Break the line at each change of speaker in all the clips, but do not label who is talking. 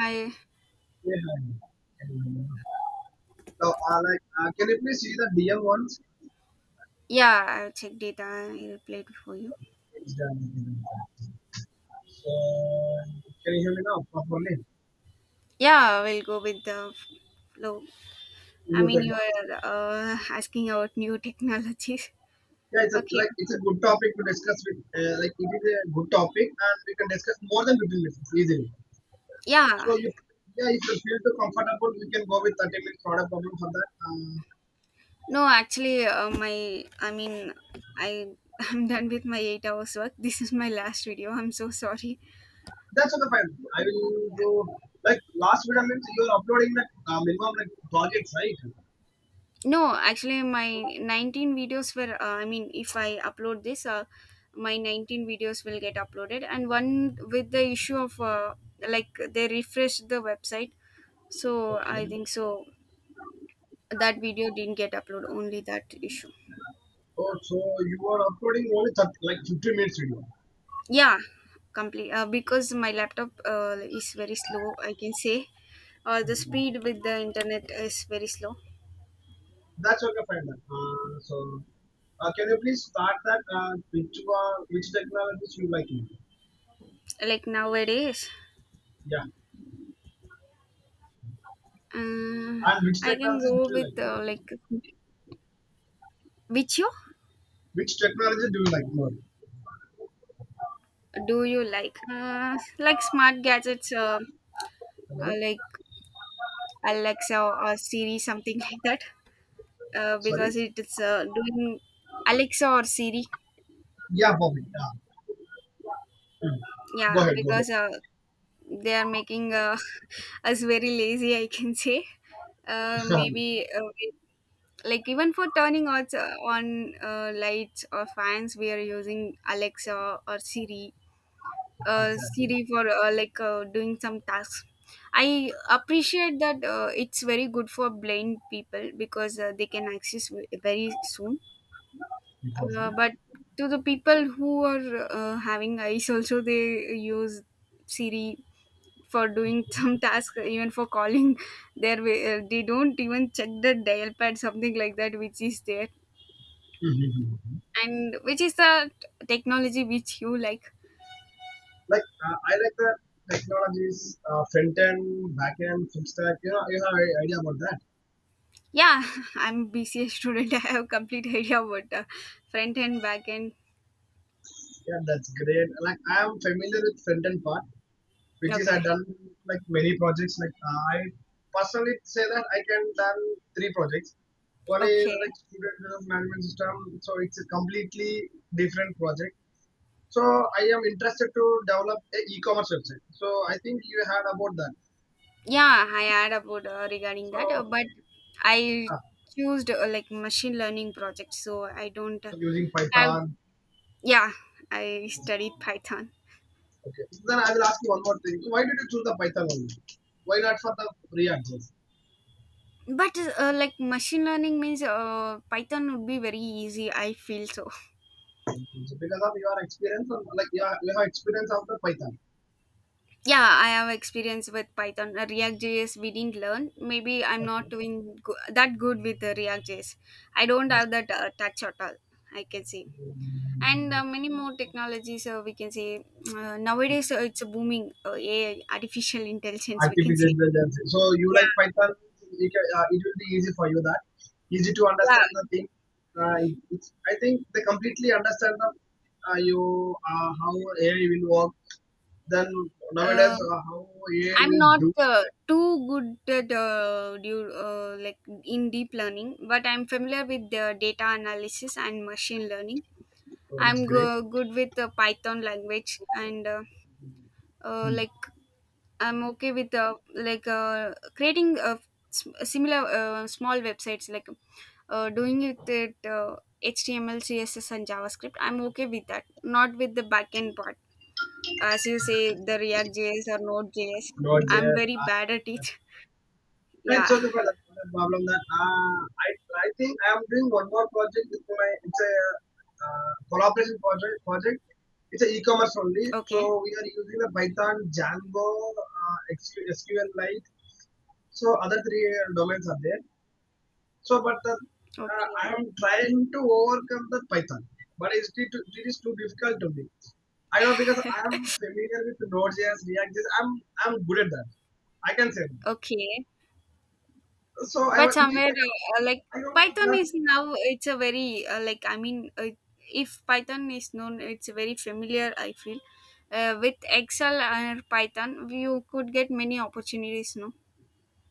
Hi.
Yeah, I can remember. Can you please see the DM once?
Yeah, I checked data. I replied for you.
It's done. So, can you hear me now properly?
Yeah, we'll go with the flow. I
You
mean,
take
you
it.
are asking about new technologies.
Yeah, it's a,
Okay.
like it's a good topic to discuss with. It is a good topic, and we can discuss more than 15 minutes easily.
Yeah.
So, you, yeah, if you feel too comfortable, we can go with 30 minutes. Not a problem for that.
No, actually, my I mean, I I'm done with my 8 hours work. This is my last video. I'm so sorry.
That's okay, fine. I will do like last video means you're uploading the minimum like projects, right?
No, actually, my 19 videos were, I mean, if I upload this, my 19 videos will get uploaded. And one with the issue of, like, they refreshed the website. So I
Okay.
think so. That video didn't get uploaded, only that issue.
Oh, so you are uploading only 30, like 15 minutes video.
Yeah, complete. Because my laptop is very slow, I can say. The speed with the internet is very slow.
That's okay, fine. Then, can you please start that? Which one, which technologies you like more?
Like nowadays,
Yeah,
uh,
and which
I can
technologies
go
do you
with,
like?
like, Vichio.
Which technology do you like more?
Do you like smart gadgets, like Alexa or Siri, something like that?
Sorry.
Because it is doing Alexa or Siri.
Yeah, Bobby. Yeah. Mm. Go
Yeah,
ahead. Go
because they are making us very lazy. I can say.
ahead.
Maybe like even for turning on lights or fans, we are using Alexa or Siri.
Exactly.
Siri for like doing some tasks. I appreciate that it's very good for blind people because they can access very soon. But to the people who are having eyes, also they use Siri for doing some task, even for calling. Their way, they don't even check the dial pad, something like that, which is there,
Hmm.
and which is the technology which you like.
I like the technologies, front end, back end, full stack. You know, you have an idea about that.
Yeah, I'm BCA student. I have complete idea about front end, back end.
Yeah, that's great. Like I am familiar with front end part. Which is I
Okay,
done like many projects. I personally say that I can done three projects. One is
okay.
like student health management system, so it's a completely different project. So I am interested to develop a e-commerce website. So I think you heard about that.
Yeah, I had about regarding that,
So,
but I
ah,
chose like machine learning project, so I don't
so using
have.
Python.
Yeah, I studied Python.
Okay. Then I will ask you one more thing. So why did you choose the Python only? Why not for the React?
But like machine learning means Python would be very easy. I feel so.
So because of your experience, like you have experience of the Python.
Yeah, I have experience with python. React js we didn't learn, maybe I'm not
Okay.
doing that good with the react js. I don't have that touch at all, I can say. And many more technologies, we can say. Nowadays it's a booming ai artificial intelligence, we can
Artificial
say.
intelligence. So you like
Yeah.
Python? It will be easy for you that easy to understand the
Yeah.
thing. Uh, I think they completely understand the, you how AI will work. Then nowadays
uh,
how AI
I'm
will
not
do.
too good at like in deep learning, but I'm familiar with the data analysis and machine learning.
So
I'm
that's great.
good with the Python language and
Hmm.
like I'm okay with like creating similar small websites like doing it with HTML, CSS, and JavaScript. I'm okay with that, not with the backend part. As you say, the React JS or Node JS.
Not
I'm
there.
very bad at it.
It's
Yeah.
okay for that, no problem. That I I think I am doing one more project with my it's a collaboration project. It's a e-commerce only. So
Okay.
we are using the Python, Django, XQ SQL Lite. So other three domains are there. But I
Okay.
am trying to overcome the Python, but it is too difficult to me. I know because I am familiar with Node.js, React.js. I'm good at that. I can say that.
Okay.
So I
But
was, it,
somewhere like
I don't know
python
that.
is now, it's a very like I mean, if python is known, it's very familiar, I feel, with excel and python you could get many opportunities, no?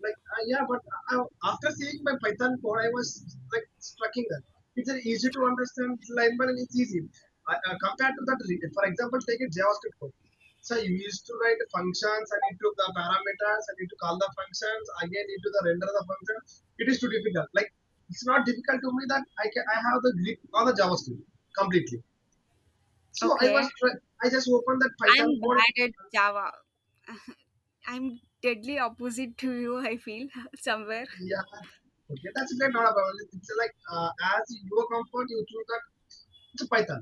Like, uh, yeah, but I, After seeing my Python code, I was like striking that it's an easy to understand line by line. Compared to that. For example, take a JavaScript code. So you used to write functions and into the parameters and into call the functions again into the render the function. It is too difficult. Like it's not difficult to me that I have the grip on the JavaScript completely. So I
Okay.
was try, I just opened that Python
I'm
code.
bad at java. I'm deadly opposite to you, I feel somewhere.
Yeah. Okay, that's great. Not a problem. It's like As your comfort, you choose that it's Python.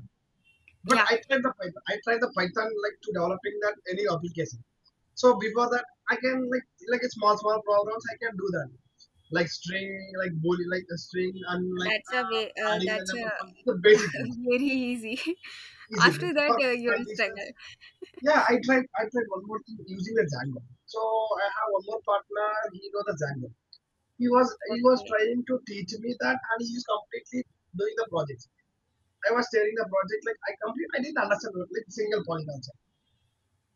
But
Yeah,
I tried the Python. I tried the Python like to developing that any application. So before that, I can like a small small programs. I can do that, like string, like boolean, like a string, and
that's a way,
adding the
that's a
number function. The basic things,
very easy.
easy
After
things
that
for
you'll
conditions.
struggle.
Yeah, I tried. I tried one more thing using the Django. So I have one more partner. He knows the Django. He was
Okay.
trying to teach me that, and he is completely doing the project. I was sharing the project like I complete. I didn't understand like single point also.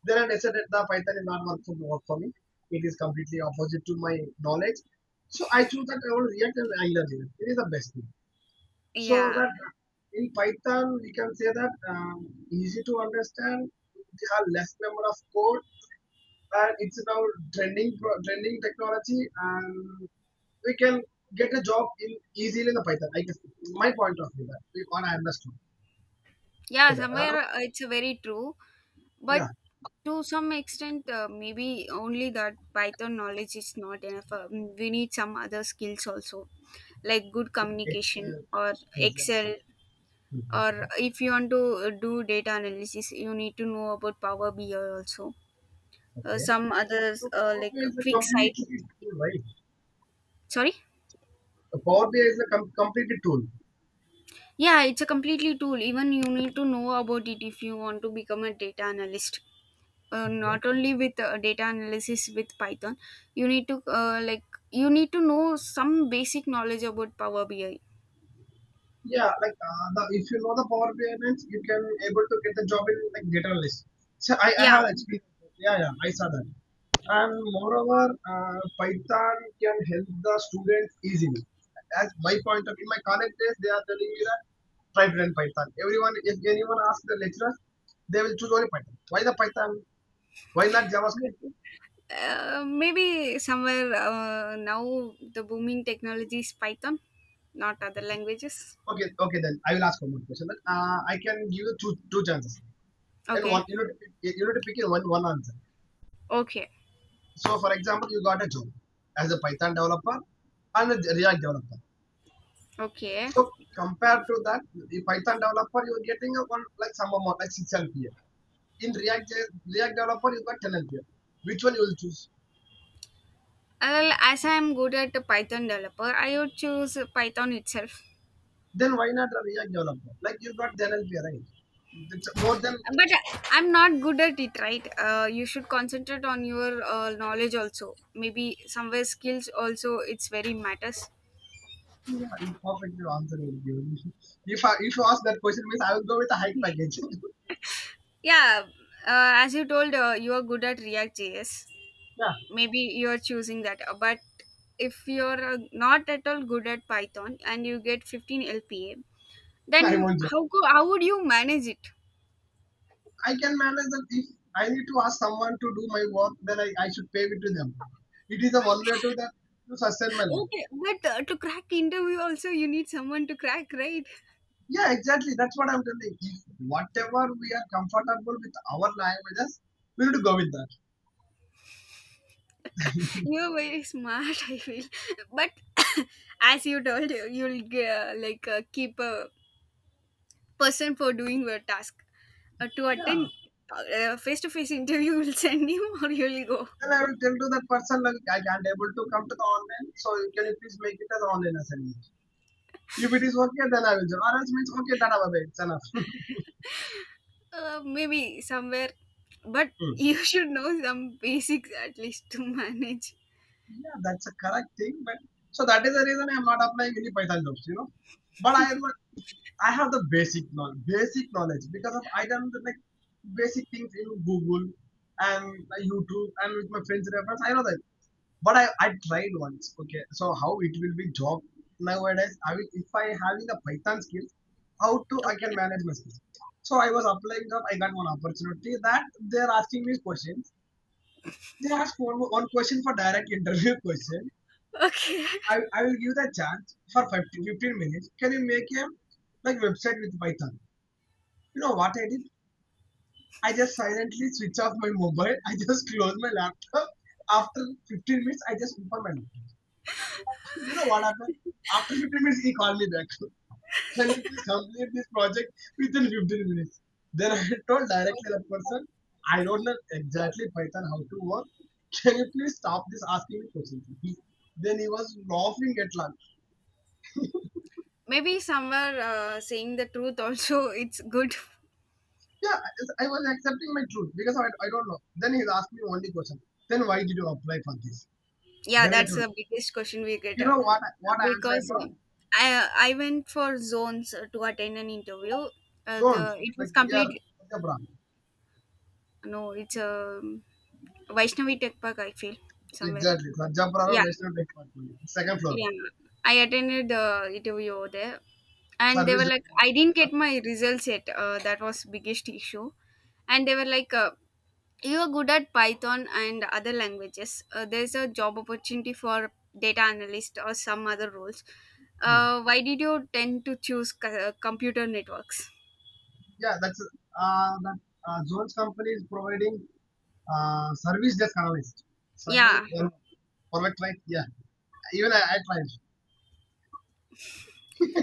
Then I decided the Python is not work for me. It is completely opposite to my knowledge. So I choose that I will React and Angular React. It is the best thing. So
Yeah,
that in Python we can say that easy to understand. They have less number of code and it's now trending technology, and we can get a job in easily in the Python, I guess. My point of view that we what I understood.
yeah,
Okay, I know.
somewhere it's very true. But
Yeah,
to some extent, maybe only that python knowledge is not enough, we need some other skills also, like good
like it's
communication, or excel,
exactly. Mhm.
or if you want to do data analysis, you need to know about power bi also,
Okay,
some
so
others
Power
like
BI is a
quick site.
completely tool, right?
Sorry.
The Power BI is completely tool.
Yeah, it's a completely tool, even you need to know about it if you want to become a data analyst. Not only with data analysis, with python you need to uh, like you need to know some basic knowledge about power bi.
Yeah, the if you know the Power BI means you can able to get the job in like data analyst. So I
Yeah.
have experience. Yeah, yeah, I saw that. And moreover, Python can help the students easily. As my point of in my college days, they are telling me that try to learn Python. Everyone, if anyone asks the lecturer, they will choose only Python. Why the Python? Why not JavaScript?
Maybe somewhere now the booming technology is python, not other languages.
Okay, okay, then I will ask one more question. I can give you two chances, and
Okay.
one you need to pick, you need to pick in one answer.
Okay.
So for example, you got a job as a Python developer and a React developer.
Okay.
So compared to that, the Python developer you're getting a one like some amount like 6 LPA. In React developer you got 10 LPA. Which one you will choose?
Well, as I'm good at python developer, I would choose python itself.
Then why not a React developer? Like you got 10 LPA, right? It's more than
But I'm not good at it, right? You should concentrate on your knowledge also, maybe somewhere skills also, it's very matters.
yeah, you perfectly answer will give. If you ask that question, means I will go with a high package.
Yeah, as you told, you are good at react js,
Yeah,
maybe you are choosing that. But if you're not at all good at python and you get 15 lpa, then
I won't.
how how would you manage it?
I can manage that if I need to ask someone to do my work, then I should pay it to them. It is a one way to that to sustain my life.
Okay, but to crack interview also, you need someone to crack, right?
Yeah, exactly. That's what I'm telling. If whatever we are comfortable with our languages, we need to go with that.
You're very smart, I feel. But as you told, you'll like keep a person for doing your task. To
Yeah.
attend a face to face interview, will send you or you'll go.
Then I will tell to that person like I can't able to come to the online, so can you please make it as online assignment? If it is okay, then I will do. Or else means okay, done, bye bye. It's enough.
Maybe somewhere. But you
Hmm.
should know some basics at least to manage.
Yeah, that's a correct thing, but so that is the reason I'm not applying any Python jobs, you know. But I am not, I have the basic knowledge because of I done the, like basic things in Google and YouTube and with my friends reference. I know that, but I tried once. Okay, so how it will be job nowadays? I will if I having the Python skills, how to I can
Okay.
manage my skills. So I was applying job. I got one opportunity that they are asking me questions. They asked one question for direct interview question.
Okay.
I will give the chance for 15 minutes. Can you make a like website with Python? You know what I did? I just silently switch off my mobile. I just close my laptop. After 15 minutes, I just open my laptop. You know what happened? After 15 minutes, he called me back. Can you please complete this project within 15 minutes? Then I told directly the person, I don't know exactly Python how to work. Can you please stop this asking me questions? Then he was laughing at la.
Maybe somewhere saying the truth also, it's good.
Yeah, I was accepting my truth because I don't know. Then he asked me only question. Then why did you apply for this?
Yeah,
Then I
that's
told,
the biggest question we get,
you know what answer I
because
told?
I went for Zones to attend an interview.
Zones.
The It
Like
was
yeah,
complete.
Sajapura.
No, it's Vaishnavi Tech Park, I feel somewhere.
Exactly. Sajapura or
Yeah,
Vaishnav Lake Park only. Second floor.
yeah. I attended the interview over there, and they were
Service
like,
floor.
I didn't get my results yet. That was biggest issue, and they were like, you are good at python and other languages, there's a job opportunity for data analyst or some other roles, why did you tend to choose computer networks?
Yeah, that's that Zones company is providing service desk analyst. Service desk
Yeah.
analyst. For my client. Yeah. Even I tried.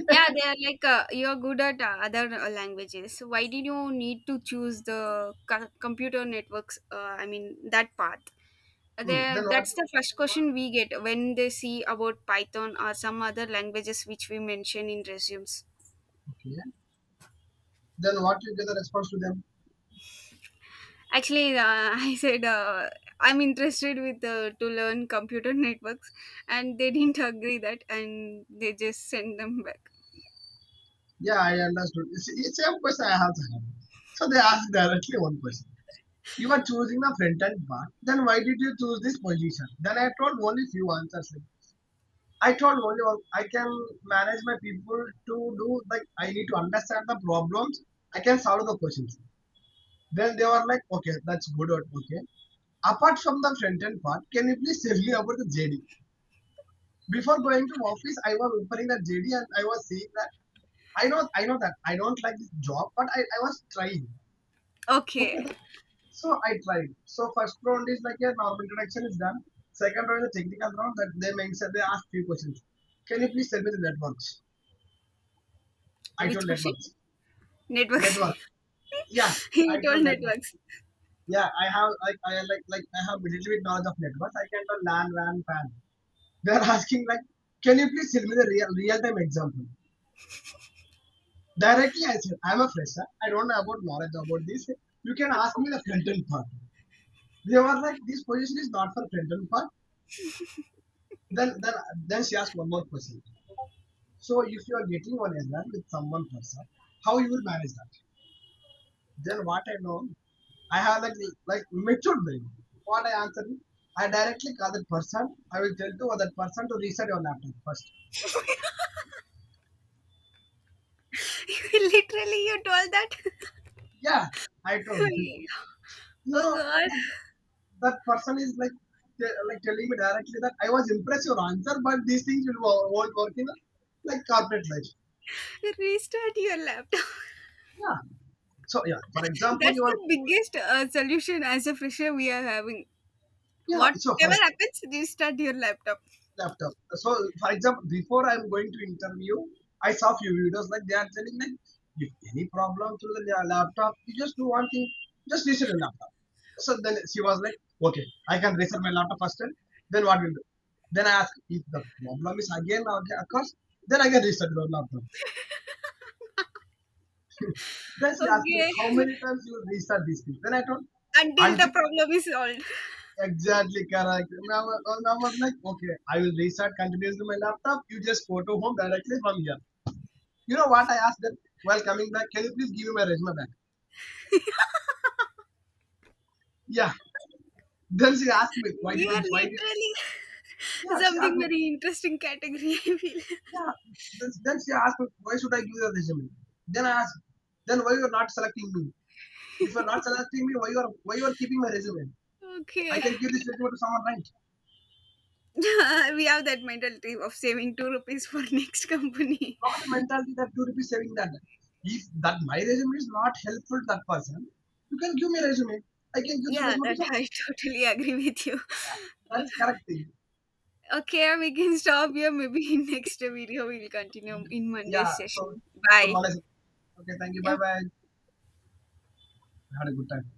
Yeah, they are like, you're good at other languages, why did you need to choose the computer networks, I mean, that path.
Hmm. Then
There,
what?
that's the first
Then what?
question we get when they see about python or some other languages which we mention in resumes.
Okay. Then what you get the response to them?
Actually, I said, I'm interested with, to learn computer networks, and they didn't agree that, and they just sent them back.
Yeah, I understood. It's same question I also have. So they asked directly one question. You are choosing the front end part. Then why did you choose this position? Then I told only few answers. Like, I told only one. I can manage my people to do like I need to understand the problems. I can solve the questions. Then they were like, okay, that's good or okay. Apart from the front end part, can you please tell me about the JD? Before going to office, I was opening the JD and I was seeing that. I know that I don't like this job, but I was trying. Okay,
Okay,
that, so I tried. So first round is like a normal introduction is done. Second round is the technical round that they mentioned. They asked few questions. Can you please tell me the networks? I told
which question?
networks.
Networks.
Networks. Yeah, I
You
told
told
networks.
networks.
Yeah, I have like I have little bit knowledge of networks. I can tell LAN, RAN, PAN. They are asking like, can you please tell me the real time example? Directly, I said, I'm a fresher. I don't know about knowledge about this. You can ask me the front part. They were like, this position is not for front part. Then, then, then she asked one more question. So if you are getting one error with someone person, how you will manage that? Then what I know, I have like matured brain. What I answer, I directly call that person. I will tell to other person to reset your laptop first.
Literally, you told that.
Yeah, I told you. You
Oh
know,
God!
that person is like telling me directly that I was impressed your answer, but these things won't work in like corporate life.
Restart your laptop.
Yeah. So yeah, for example,
That's
you are
the biggest solution as a fresher we are having.
yeah. So for
Whatever
example,
happens, restart your laptop.
laptop. So for example, before I'm going to interview, I saw few videos like they are telling like if any problem to the laptop, you just do one thing, just reset the laptop. So then she was like, okay, I can reset my laptop first. And then what will do? Then I ask if the problem is again okay, occurs, then I can reset the laptop. Then she asked me
Okay,
how many times you restart this thing. Then I told
until the
until
problem is solved.
exactly correct. And I was like, okay, I will restart continuously my laptop. You just go to home directly from here. You know what I asked them while coming back? Can you please give me my resume back? Yeah. Then she asked me
You are
why did
literally
yeah she asked
something
me
very interesting category, I feel.
yeah. Then she asked me why should I give you the resume? Then I asked then why you are not selecting me? If you are not selecting me, why you are keeping my resume? I
Okay.
can give this resume to someone, right?
We have that mentality of saving 2 rupees for next company.
Not mentality that you two be saving that. If that my resume is not helpful to that person, you can give me resume. I can give the
Yeah,
resume to
that
someone.
I totally agree with you.
Yeah, that's correct thing.
Okay, we can stop here. Maybe in next video we'll continue in
Yeah.
Monday's
So
session.
to
Bye.
Malaysia. Okay. Thank you. Bye bye. Had a good time.